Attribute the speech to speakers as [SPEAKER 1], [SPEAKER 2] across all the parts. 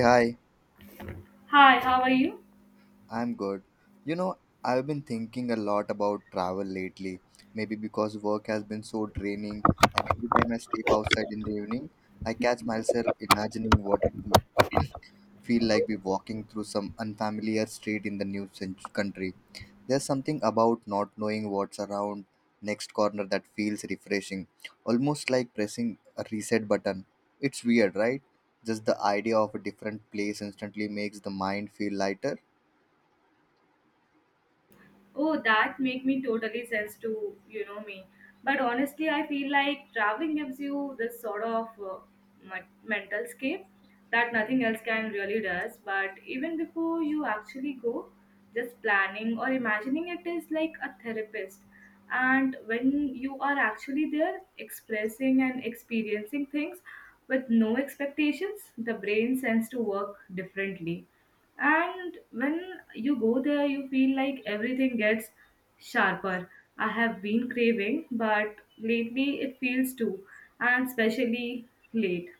[SPEAKER 1] Hi,
[SPEAKER 2] Hi, how are you?
[SPEAKER 1] I'm good. You know, I've been thinking a lot about travel lately. Maybe because work has been so draining, and every time I sleep outside in the evening, I catch myself imagining what it would feel like be walking through some unfamiliar street in the new country. There's something about not knowing what's around next corner that feels refreshing, almost like pressing a reset button. It's weird, right? Just the idea of a different place instantly makes the mind feel lighter.
[SPEAKER 2] Oh, that make me totally sense to you know me. But honestly, I feel like traveling gives you this sort of mental escape that nothing else can really does. But even before you actually go, just planning or imagining it is like a therapist. And when you are actually there, expressing and experiencing things with no expectations, the brain sends to work differently. And when you go there, you feel like everything gets sharper. I have been craving but lately it feels too, and especially late.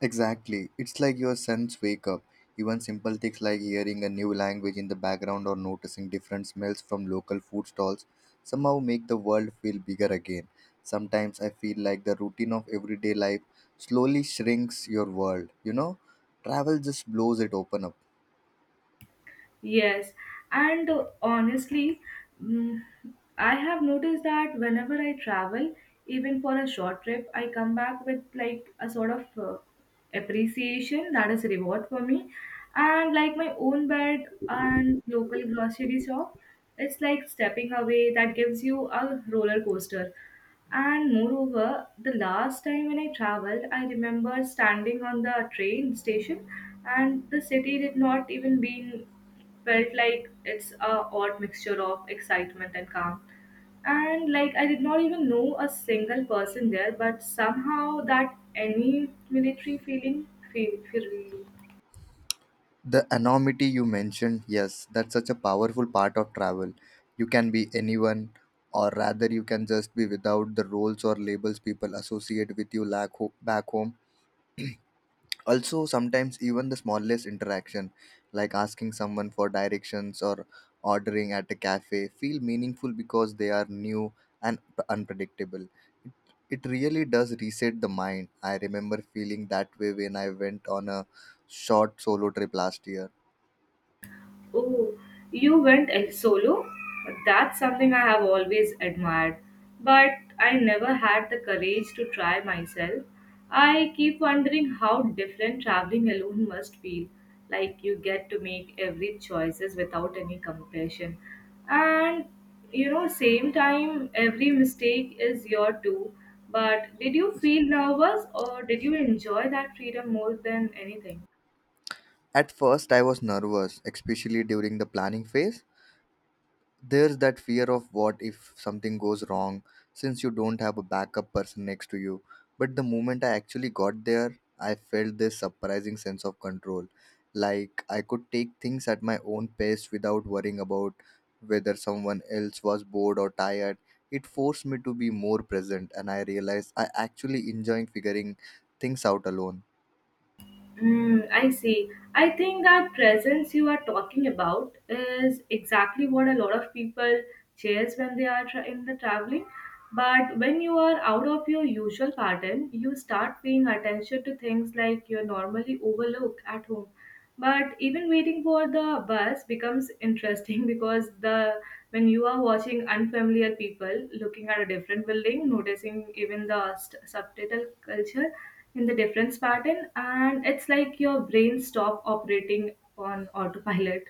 [SPEAKER 1] Exactly. It's like your sense wake up. Even simple things like hearing a new language in the background or noticing different smells from local food stalls somehow make the world feel bigger again. Sometimes I feel like the routine of everyday life slowly shrinks your world, you know? Travel just blows it open up.
[SPEAKER 2] Yes, and honestly, mm, I have noticed that whenever I travel, even for a short trip, I come back with like a sort of appreciation that is reward for me, and like my own bed and local grocery shop. It's like stepping away that gives you a roller coaster. And moreover, the last time when I traveled, I remember standing on the train station, and the city did not even been felt like it's a odd mixture of excitement and calm. And like I did not even know a single person there, but somehow that any military feeling feel.
[SPEAKER 1] The anonymity you mentioned, yes, that's such a powerful part of travel. You can be anyone, or rather, you can just be without the roles or labels people associate with you lack back home. Also, sometimes even the smallest interaction like asking someone for directions or ordering at a cafe feel meaningful because they are new and unpredictable. It really does reset the mind. I remember feeling that way when I went on a short solo trip last year.
[SPEAKER 2] Oh, you went solo? That's something I have always admired, but I never had the courage to try myself. I keep wondering how different traveling alone must feel, like you get to make every choices without any compassion. And you know, same time every mistake is your too. But did you feel nervous or did you enjoy that freedom more than anything?
[SPEAKER 1] At first, I was nervous, especially during the planning phase. There's that fear of what if something goes wrong, since you don't have a backup person next to you. But the moment I actually got there, I felt this surprising sense of control, like I could take things at my own pace without worrying about whether someone else was bored or tired. It forced me to be more present, and I realized I actually enjoy figuring things out alone.
[SPEAKER 2] Mm, I see. I think that presence you are talking about is exactly what a lot of people chase when they are in the traveling. But when you are out of your usual pattern, you start paying attention to things like you normally overlook at home, but even waiting for the bus becomes interesting because the when you are watching unfamiliar people, looking at a different building, noticing even the subtitle culture in the difference pattern, and it's like your brain stop operating on autopilot.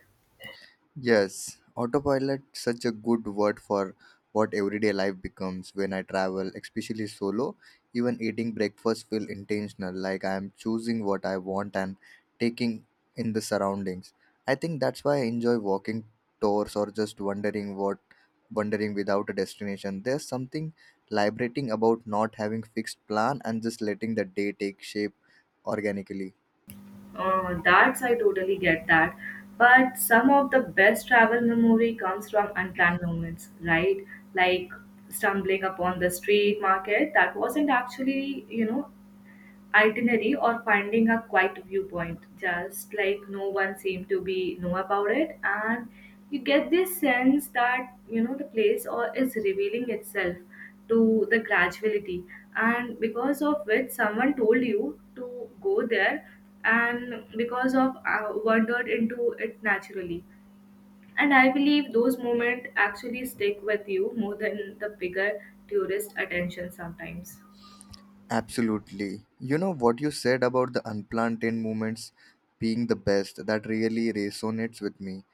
[SPEAKER 1] Yes, autopilot such a good word for what everyday life becomes when I travel, especially solo. Even eating breakfast feel intentional, like I am choosing what I want and taking in the surroundings. I think that's why I enjoy walking tours or just wandering what wandering without a destination. There's something liberating about not having fixed plan and just letting the day take shape organically.
[SPEAKER 2] That's, I totally get that, but some of the best travel memory comes from unplanned moments, right? Like stumbling upon the street market that wasn't actually, you know, itinerary, or finding a quiet viewpoint just like no one seemed to be know about it. And you get this sense that, you know, the place or is revealing itself to the graduality, and because of which someone told you to go there, and because of wandered into it naturally. And I believe those moments actually stick with you more than the bigger tourist attention sometimes.
[SPEAKER 1] Absolutely. You know what you said about the unplanned 10 moments being the best, that really resonates with me.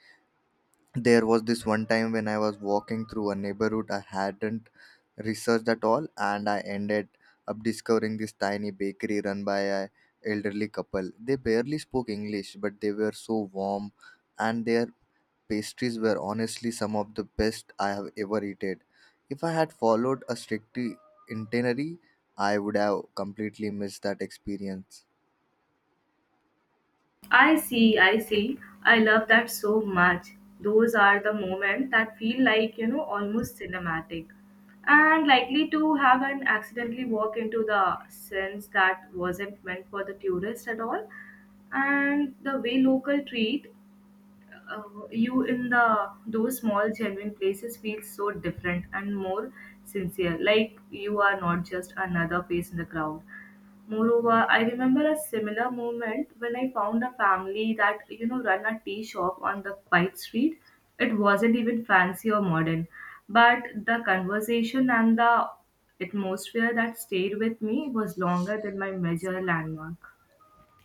[SPEAKER 1] There was this one time when I was walking through a neighborhood I hadn't researched at all, and I ended up discovering this tiny bakery run by a elderly couple. They barely spoke English, but they were so warm, and their pastries were honestly some of the best I have ever eaten. If I had followed a strict itinerary, I would have completely missed that experience.
[SPEAKER 2] I see, I see. I love that so much. Those are the moments that feel like, you know, almost cinematic and likely to have an accidentally walk into the sense that wasn't meant for the tourist at all. And the way local treat uh, you in the those small genuine places feels so different and more sincere. Like you are not just another face in the crowd. Moreover, I remember a similar moment when I found a family that, you know, run a tea shop on the quiet street. It wasn't even fancy or modern, but the conversation and the atmosphere that stayed with me was longer than my major landmark.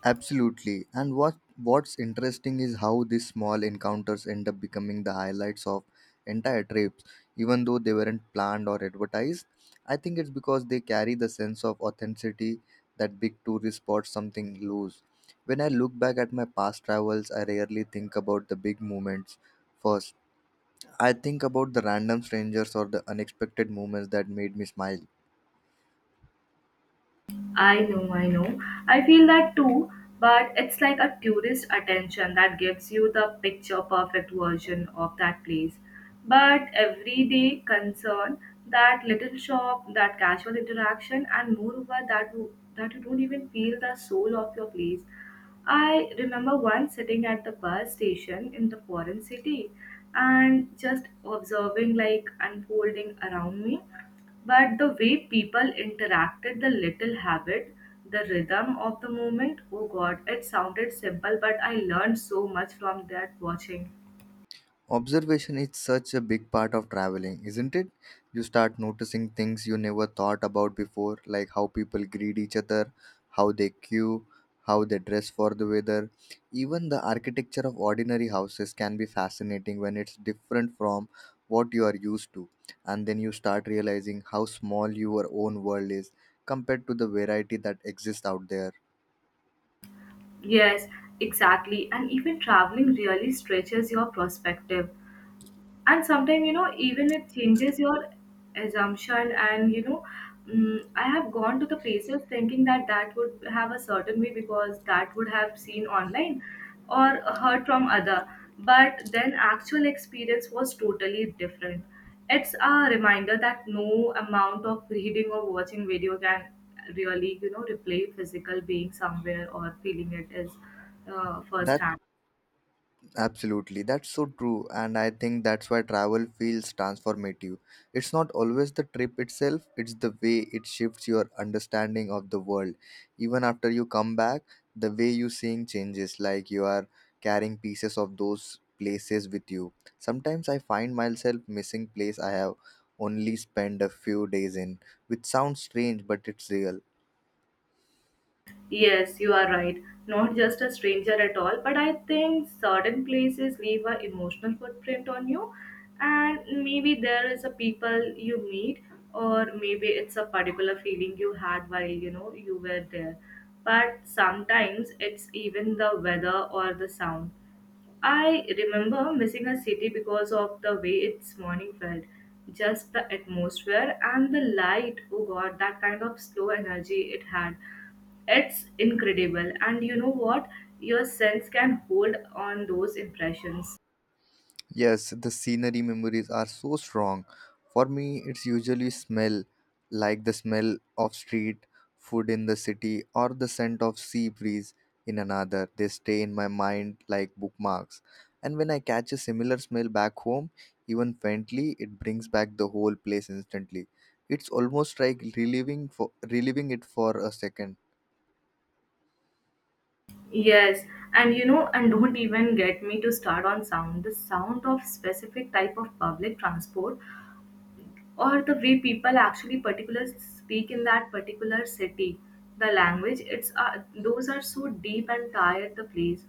[SPEAKER 1] Absolutely. And what's interesting is how these small encounters end up becoming the highlights of entire trips, even though they weren't planned or advertised. I think it's because they carry the sense of authenticity that big tourist spots something lose. When I look back at my past travels, I rarely think about the big moments first. I think about the random strangers or the unexpected moments that made me smile.
[SPEAKER 2] I know, I know. I feel that too, but it's like a tourist attention that gives you the picture perfect version of that place. But everyday concern, that little shop, that casual interaction, and moreover, that you don't even feel the soul of your place. I remember once sitting at the bus station in the foreign city and just observing like unfolding around me, but the way people interacted, the little habit, the rhythm of the moment, oh god, it sounded simple, but I learned so much from that watching.
[SPEAKER 1] Observation is such a big part of traveling, isn't it? You start noticing things you never thought about before, like how people greet each other, how they queue, how they dress for the weather. Even the architecture of ordinary houses can be fascinating when it's different from what you are used to. And then you start realizing how small your own world is compared to the variety that exists out there.
[SPEAKER 2] Yes, exactly. And even traveling really stretches your perspective. And sometimes, you know, even it changes your assumption, and you know, I have gone to the places thinking that would have a certain way because that would have seen online or heard from other, but then actual experience was totally different. It's a reminder that no amount of reading or watching video can really, you know, replay physical being somewhere or feeling it is
[SPEAKER 1] That.
[SPEAKER 2] firsthand.
[SPEAKER 1] Absolutely, that's so true, and I think that's why travel feels transformative. It's not always the trip itself, it's the way it shifts your understanding of the world. Even after you come back, the way you seeing changes, like you are carrying pieces of those places with you. Sometimes I find myself missing place I have only spent a few days in, which sounds strange, but it's real.
[SPEAKER 2] Yes, you are right. Not just a stranger at all, but I think certain places leave a emotional footprint on you, and maybe there is a people you meet, or maybe it's a particular feeling you had while, you know, you were there. But sometimes it's even the weather or the sound. I remember missing a city because of the way its morning felt. Just the atmosphere and the light, oh god, that kind of slow energy it had. It's incredible. And you know what? Your sense can hold on those impressions.
[SPEAKER 1] Yes, the scenery memories are so strong. For me, it's usually smell, like the smell of street food in the city or the scent of sea breeze in another. They stay in my mind like bookmarks. And when I catch a similar smell back home, even faintly, it brings back the whole place instantly. It's almost like reliving it for a second.
[SPEAKER 2] Yes, and you know, and don't even get me to start on sound. The sound of specific type of public transport or the way people actually particular speak in that particular city, the language, it's those are so deep and tired the place.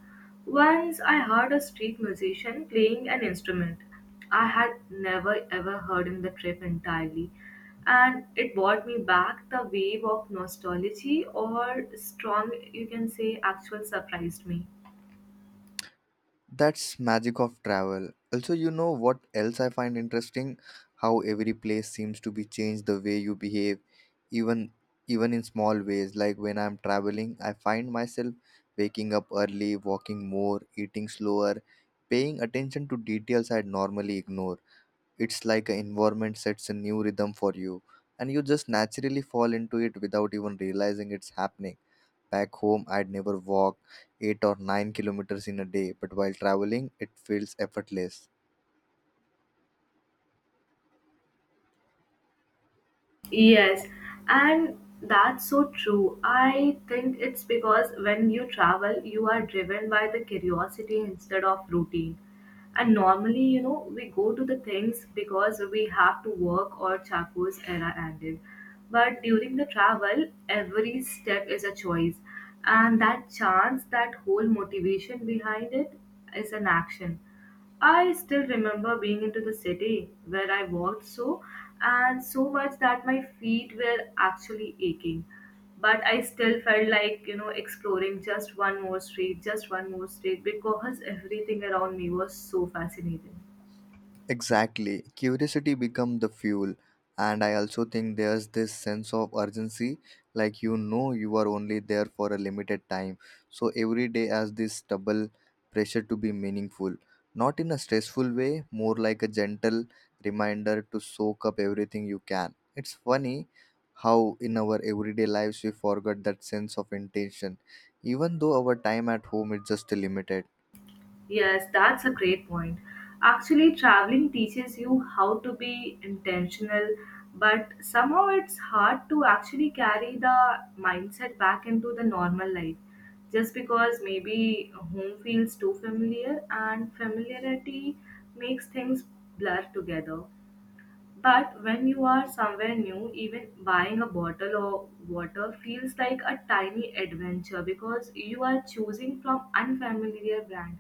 [SPEAKER 2] Once I heard a street musician playing an instrument I had never ever heard in the trip entirely, and it brought me back the wave of nostalgia or strong, you can say, actual surprised me.
[SPEAKER 1] That's magic of travel. Also, you know what else I find interesting? How every place seems to be changed the way you behave, even even in small ways. Like when I'm traveling, I find myself waking up early, walking more, eating slower, paying attention to details I'd normally ignore. It's like an environment sets a new rhythm for you, and you just naturally fall into it without even realizing it's happening. Back home, I'd never walk 8 or 9 kilometers in a day, but while traveling, it feels effortless.
[SPEAKER 2] Yes, and that's so true. I think it's because when you travel, you are driven by the curiosity instead of routine. And normally, you know, we go to the things because we have to work or Chaco's era ended. But during the travel, every step is a choice. And that chance, that whole motivation behind it is an action. I still remember being into the city where I walked so and so much that my feet were actually aching. But I still felt like, you know, exploring just one more street, just one more street, because everything around me was so fascinating.
[SPEAKER 1] Exactly. Curiosity become the fuel. And I also think there's this sense of urgency, like you are only there for a limited time. So every day has this double pressure to be meaningful. Not in a stressful way, more like a gentle reminder to soak up everything you can. It's funny how in our everyday lives we forget that sense of intention. Even though our time at home is just limited.
[SPEAKER 2] Yes, that's a great point. Actually, traveling teaches you how to be intentional, but somehow it's hard to actually carry the mindset back into the normal life. Just because maybe home feels too familiar, and familiarity makes things blur together. But when you are somewhere new, even buying a bottle of water feels like a tiny adventure because you are choosing from unfamiliar brand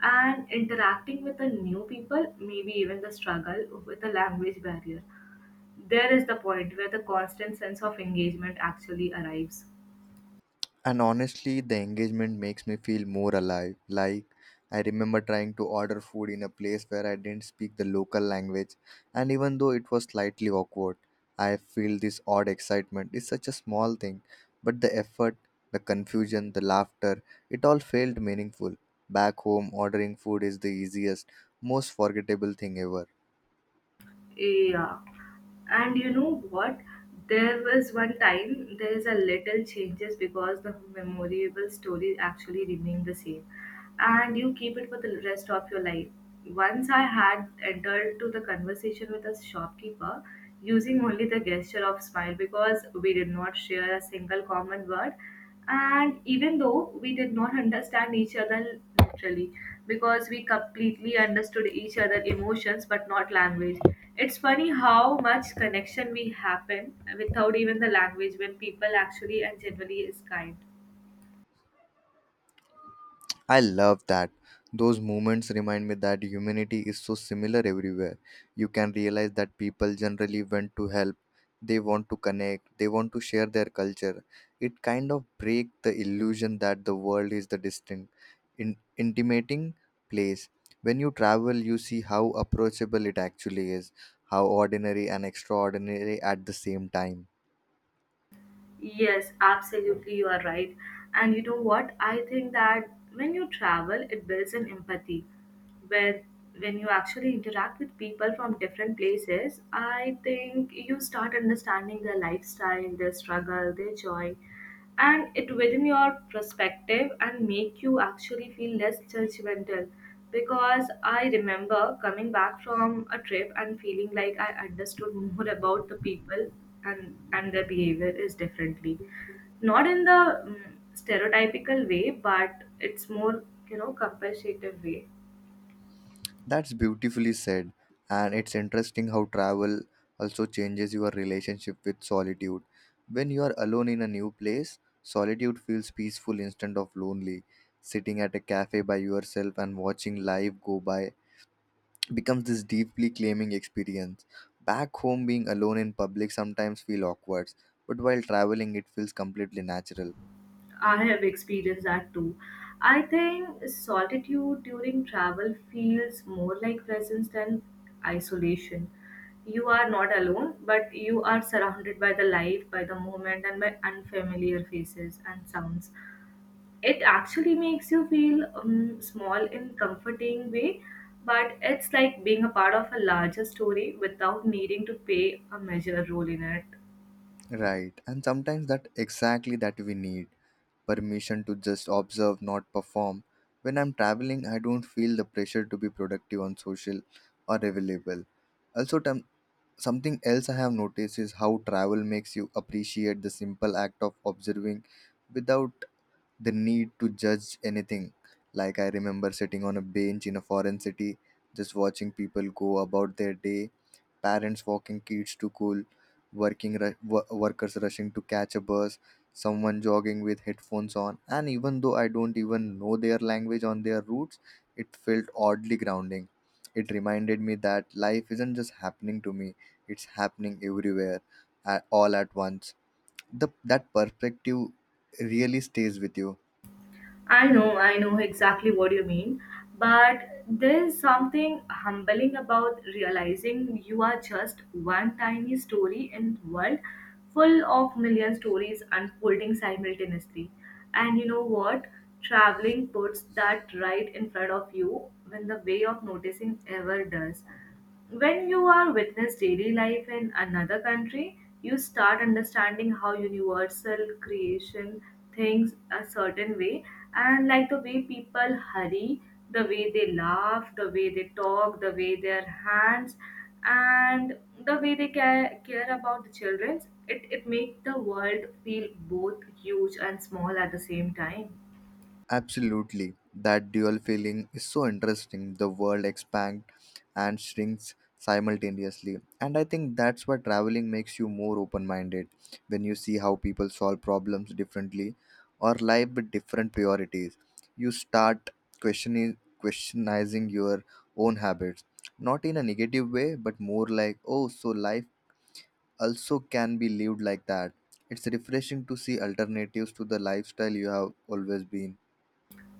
[SPEAKER 2] and interacting with the new people, maybe even the struggle with the language barrier. There is the point where the constant sense of engagement actually arrives.
[SPEAKER 1] And honestly, the engagement makes me feel more alive. Like, I remember trying to order food in a place where I didn't speak the local language, and even though it was slightly awkward, I feel this odd excitement. It's such a small thing, but the effort, the confusion, the laughter, it all felt meaningful. Back home, ordering food is the easiest, most forgettable thing ever.
[SPEAKER 2] Yeah. And you know what? There was one time there is a little changes because the memorable story actually remained the same, and you keep it for the rest of your life. Once I had entered to the conversation with a shopkeeper using only the gesture of smile because we did not share a single common word, and even though we did not understand each other literally, because we completely understood each other emotions but not language, it's funny how much connection we happen without even the language when people actually and generally is kind.
[SPEAKER 1] I love that. Those moments remind me that humanity is so similar everywhere. You can realize that people generally want to help, they want to connect, they want to share their culture. It kind of breaks the illusion that the world is the distant, intimating place. When you travel, you see how approachable it actually is, how ordinary and extraordinary at the same time.
[SPEAKER 2] Yes, absolutely, you are right. And you know what? I think that when you travel, it builds an empathy. When when you actually interact with people from different places, I think you start understanding their lifestyle, their struggle, their joy. And it widen your perspective and make you actually feel less judgmental, because I remember coming back from a trip and feeling like I understood more about the people, and their behavior is differently, not in the mm stereotypical way, but it's more, you know, compassionate way.
[SPEAKER 1] That's beautifully said, and it's interesting how travel also changes your relationship with solitude. When you are alone in a new place, solitude feels peaceful instead of lonely. Sitting at a cafe by yourself and watching life go by becomes this deeply claiming experience. Back home, being alone in public sometimes feel awkward, but while traveling, it feels completely natural.
[SPEAKER 2] I have experienced that too. I think solitude during travel feels more like presence than isolation. You are not alone, but you are surrounded by the life, by the moment, and by unfamiliar faces and sounds. It actually makes you feel small in comforting way, but it's like being a part of a larger story without needing to play a major role in it.
[SPEAKER 1] Right, and sometimes that exactly that we need permission to just observe, not perform. When I'm traveling, I don't feel the pressure to be productive on social or available. Also, something else I have noticed is how travel makes you appreciate the simple act of observing without the need to judge anything. Like, I remember sitting on a bench in a foreign city, just watching people go about their day parents walking kids to school, working workers rushing to catch a bus, someone jogging with headphones on, and even though I don't even know their language on their roots, it felt oddly grounding. It reminded me that life isn't just happening to me; it's happening everywhere, all at once. The that perspective really stays with you.
[SPEAKER 2] I know exactly what you mean, but there's something humbling about realizing you are just one tiny story in the world full of million stories unfolding simultaneously. And you know what? Traveling puts that right in front of you when the way of noticing ever does. When you are witness daily life in another country, you start understanding how universal creation thinks a certain way. And like the way people hurry, the way they laugh, the way they talk, the way their hands, and the way they care about the children, it makes the world feel both huge and small at the same time.
[SPEAKER 1] Absolutely. That dual feeling is so interesting. The world expands and shrinks simultaneously. And I think that's why traveling makes you more open minded when you see how people solve problems differently or live with different priorities. You start questioning questionizing your own habits. Not in a negative way, but more like, oh, so life also can be lived like that. It's refreshing to see alternatives to the lifestyle you have always been.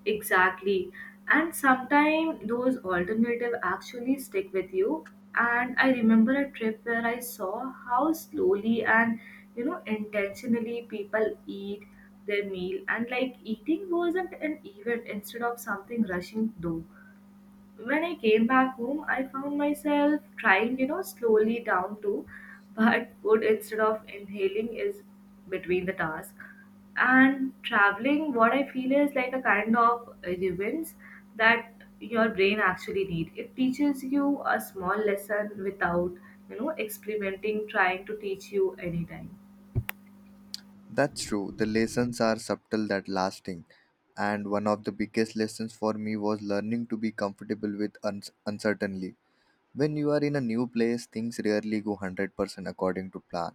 [SPEAKER 2] Exactly. And sometimes those alternative actually stick with you. And I remember a trip where I saw how slowly and intentionally people eat their meal, and like eating wasn't an event instead of something rushing through. When I came back home, I found myself trying, slowly down to, but food instead of inhaling is between the task. And traveling, what I feel is like a kind of ribbons that your brain actually need. It teaches you a small lesson without, experimenting, trying to teach you anytime.
[SPEAKER 1] That's true. The lessons are subtle that lasting. And one of the biggest lessons for me was learning to be comfortable with uncertainty. When you are in a new place, things rarely go 100% according to plan.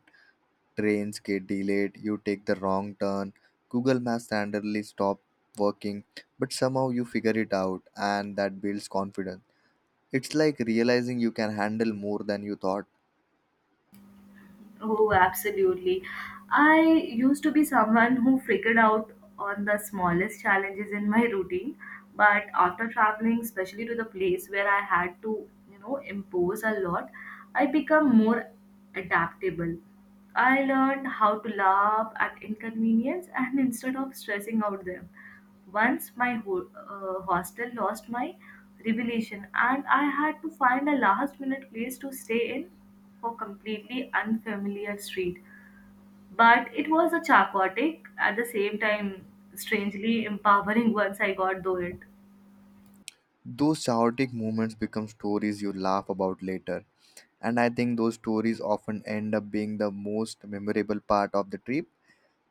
[SPEAKER 1] Trains get delayed, you take the wrong turn, Google Maps randomly stop working, but somehow you figure it out and that builds confidence. It's like realizing you can handle more than you thought.
[SPEAKER 2] Oh, absolutely. I used to be someone who freaked out on the smallest challenges in my routine, but after traveling, especially to the place where I had to, impose a lot, I become more adaptable. I learned how to laugh at inconvenience and instead of stressing out them. Once my hostel lost my revelation, and I had to find a last minute place to stay in for completely unfamiliar street. But it was a chaotic, at the same time, strangely empowering once I got through it.
[SPEAKER 1] Those chaotic moments become stories you laugh about later. And I think those stories often end up being the most memorable part of the trip.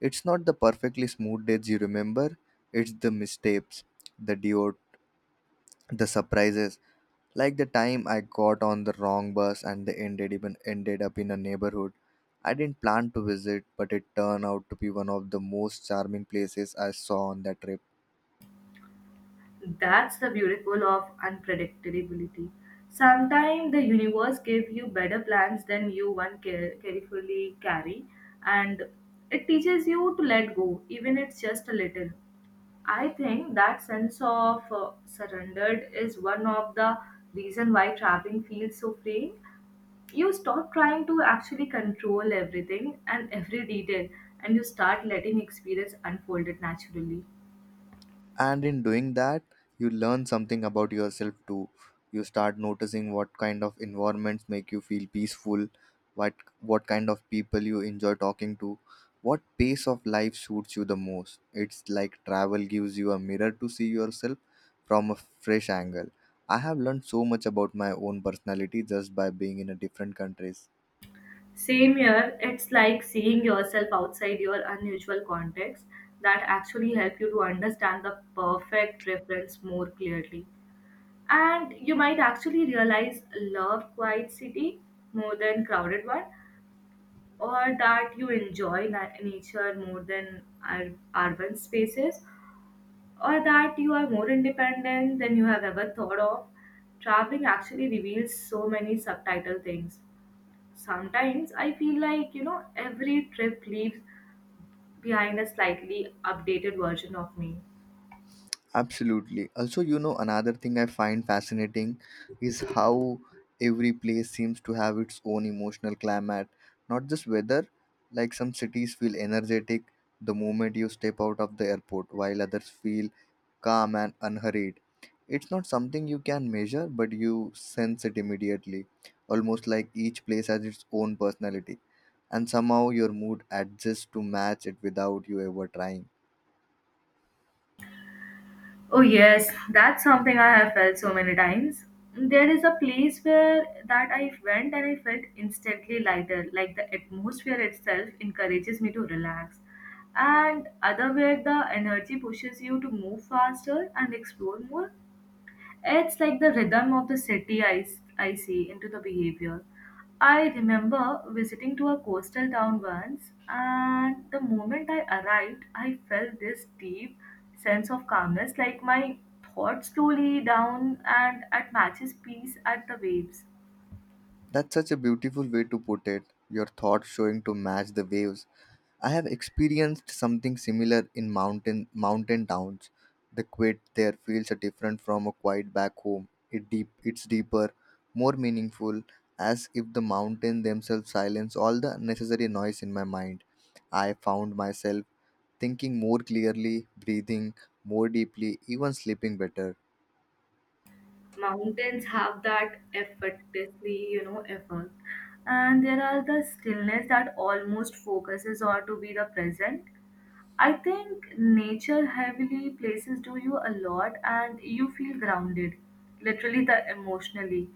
[SPEAKER 1] It's not the perfectly smooth days you remember, it's the mistakes, the detour, the surprises, like the time I got on the wrong bus and they ended up in a neighborhood I didn't plan to visit, but it turned out to be one of the most charming places I saw on that trip.
[SPEAKER 2] That's the beautiful of unpredictability. Sometimes the universe gives you better plans than you one care, carefully carry, and it teaches you to let go, even it's just a little. I think that sense of surrendered is one of the reason why traveling feels so freeing. You stop trying to actually control everything and every detail, and you start letting experience unfold it naturally.
[SPEAKER 1] And in doing that, you learn something about yourself too. You start noticing what kind of environments make you feel peaceful, what what kind of people you enjoy talking to, what pace of life suits you the most. It's like travel gives you a mirror to see yourself from a fresh angle. I have learned so much about my own personality just by being in a different countries.
[SPEAKER 2] Same here, it's like seeing yourself outside your unusual context that actually help you to understand the perfect preference more clearly. And you might actually realize love quiet city more than crowded one, or that you enjoy nature more than urban spaces, or that you are more independent than you have ever thought of. Traveling actually reveals so many subtitle things. Sometimes I feel like, every trip leaves behind a slightly updated version of me.
[SPEAKER 1] Absolutely. Also, you know, another thing I find fascinating is how every place seems to have its own emotional climate, not just weather. Like some cities feel energetic the moment you step out of the airport, while others feel calm and unhurried. It's not something you can measure, but you sense it immediately, almost like each place has its own personality, and somehow your mood adjusts to match it without you ever trying.
[SPEAKER 2] Oh, yes, that's something I have felt so many times. There is a place where that I went and I felt instantly lighter, like the atmosphere itself encourages me to relax. And other where the energy pushes you to move faster and explore more. It's like the rhythm of the I see into the behavior. I remember visiting to a coastal town once, and the moment I arrived, I felt this deep sense of calmness, like my thoughts slowly down and at matches peace at the waves.
[SPEAKER 1] That's such a beautiful way to put it, your thoughts showing to match the waves. I have experienced something similar in mountain towns. The quiet there feels different from a quiet back home. It deep it's deeper, more meaningful, as if the mountain themselves silence all the unnecessary noise in my mind. I found myself thinking more clearly, breathing more deeply, even sleeping better.
[SPEAKER 2] Mountains have that effortlessly, effort, and there are the stillness that almost focuses on to be the present. I think nature heavily places do you a lot and you feel grounded, literally the emotionally.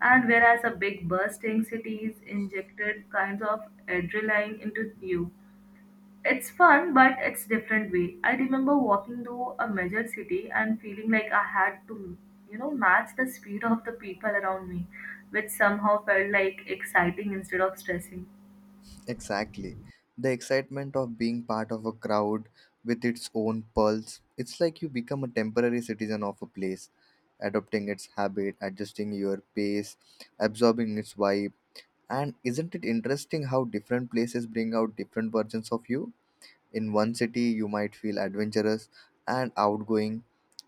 [SPEAKER 2] And whereas a big bursting cities injected kinds of adrenaline into you. It's fun, but it's different way. I remember walking through a measured city and feeling like I had to, match the speed of the people around me, which somehow felt like exciting instead of stressing.
[SPEAKER 1] Exactly. The excitement of being part of a crowd with its own pulse. It's like you become a temporary citizen of a place, adopting its habit, adjusting your pace, absorbing its vibe. And isn't it interesting how different places bring out different versions of you? In one city, you might feel adventurous and outgoing,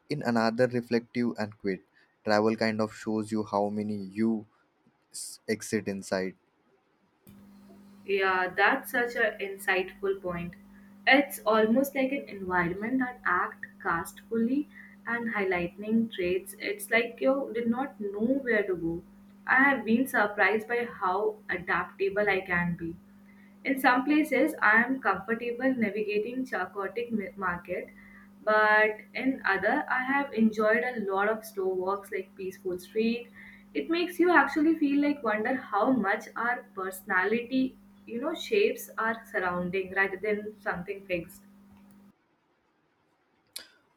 [SPEAKER 1] in another, reflective and quiet. Travel kind of shows you how many you exist inside.
[SPEAKER 2] Yeah, that's such an insightful point. It's almost like an environment that act castfully and highlighting traits. It's like you did not know where to go. I have been surprised by how adaptable I can be. In some places, I am comfortable navigating chaotic market, but in other, I have enjoyed a lot of slow walks like peaceful street. It makes you actually feel like wonder how much our personality, shapes our surrounding rather than something fixed.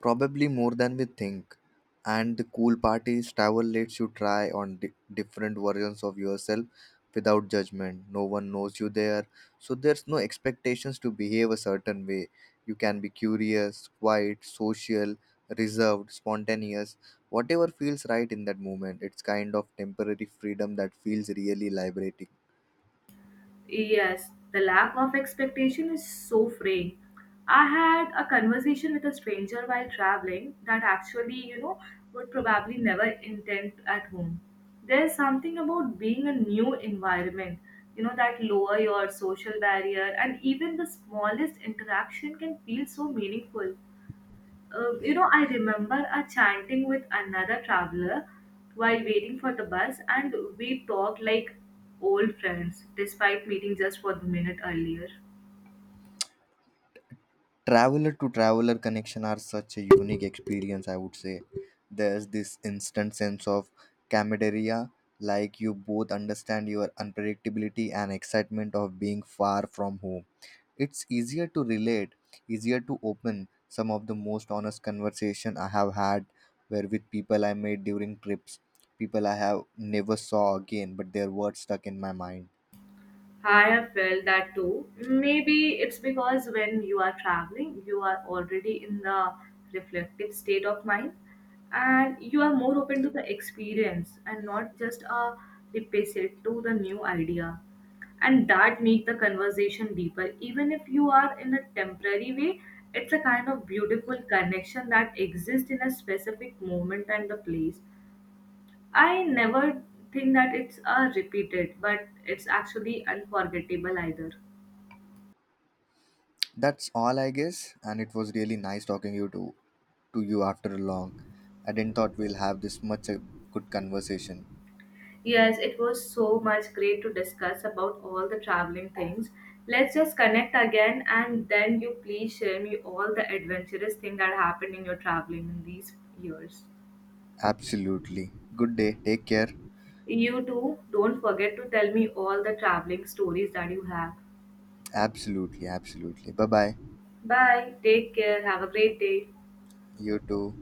[SPEAKER 1] Probably more than we think. And the cool part is, travel lets you try on different versions of yourself without judgment. No one knows you there, so there's no expectations to behave a certain way. You can be curious, quiet, social, reserved, spontaneous, whatever feels right in that moment. It's kind of temporary freedom that feels really liberating.
[SPEAKER 2] Yes, the lack of expectation is so freeing. I had a conversation with a stranger while traveling that actually, would probably never intend at home. There's something about being a new environment, that lower your social barrier and even the smallest interaction can feel so meaningful. I remember a chanting with another traveler while waiting for the bus, and we talked like old friends despite meeting just for the minute earlier.
[SPEAKER 1] Traveler to traveler connection are such a unique experience, I would say. There's this instant sense of camaraderie, like you both understand your unpredictability and excitement of being far from home. It's easier to relate, easier to open. Some of the most honest conversation I have had were with people I made during trips, people I have never saw again, but their words stuck in my mind.
[SPEAKER 2] I have felt that too. Maybe it's because when you are traveling, you are already in the reflective state of mind and you are more open to the experience and not just a deficit to the new idea. And that make the conversation deeper. Even if you are in a temporary way, it's a kind of beautiful connection that exists in a specific moment and the place. I never think that it's repeated, but it's actually unforgettable either.
[SPEAKER 1] That's all, I guess, and it was really nice talking you too to you after long. I didn't thought we'll have this much a good conversation.
[SPEAKER 2] Yes, it was so much great to discuss about all the traveling things. Let's just connect again and then you please share me all the adventurous thing that happened in your traveling in these years.
[SPEAKER 1] Absolutely. Good day. Take care.
[SPEAKER 2] You too, don't forget to tell me all the traveling stories that you have.
[SPEAKER 1] Absolutely. Absolutely. Bye bye.
[SPEAKER 2] Bye, take care, have a great day.
[SPEAKER 1] You too.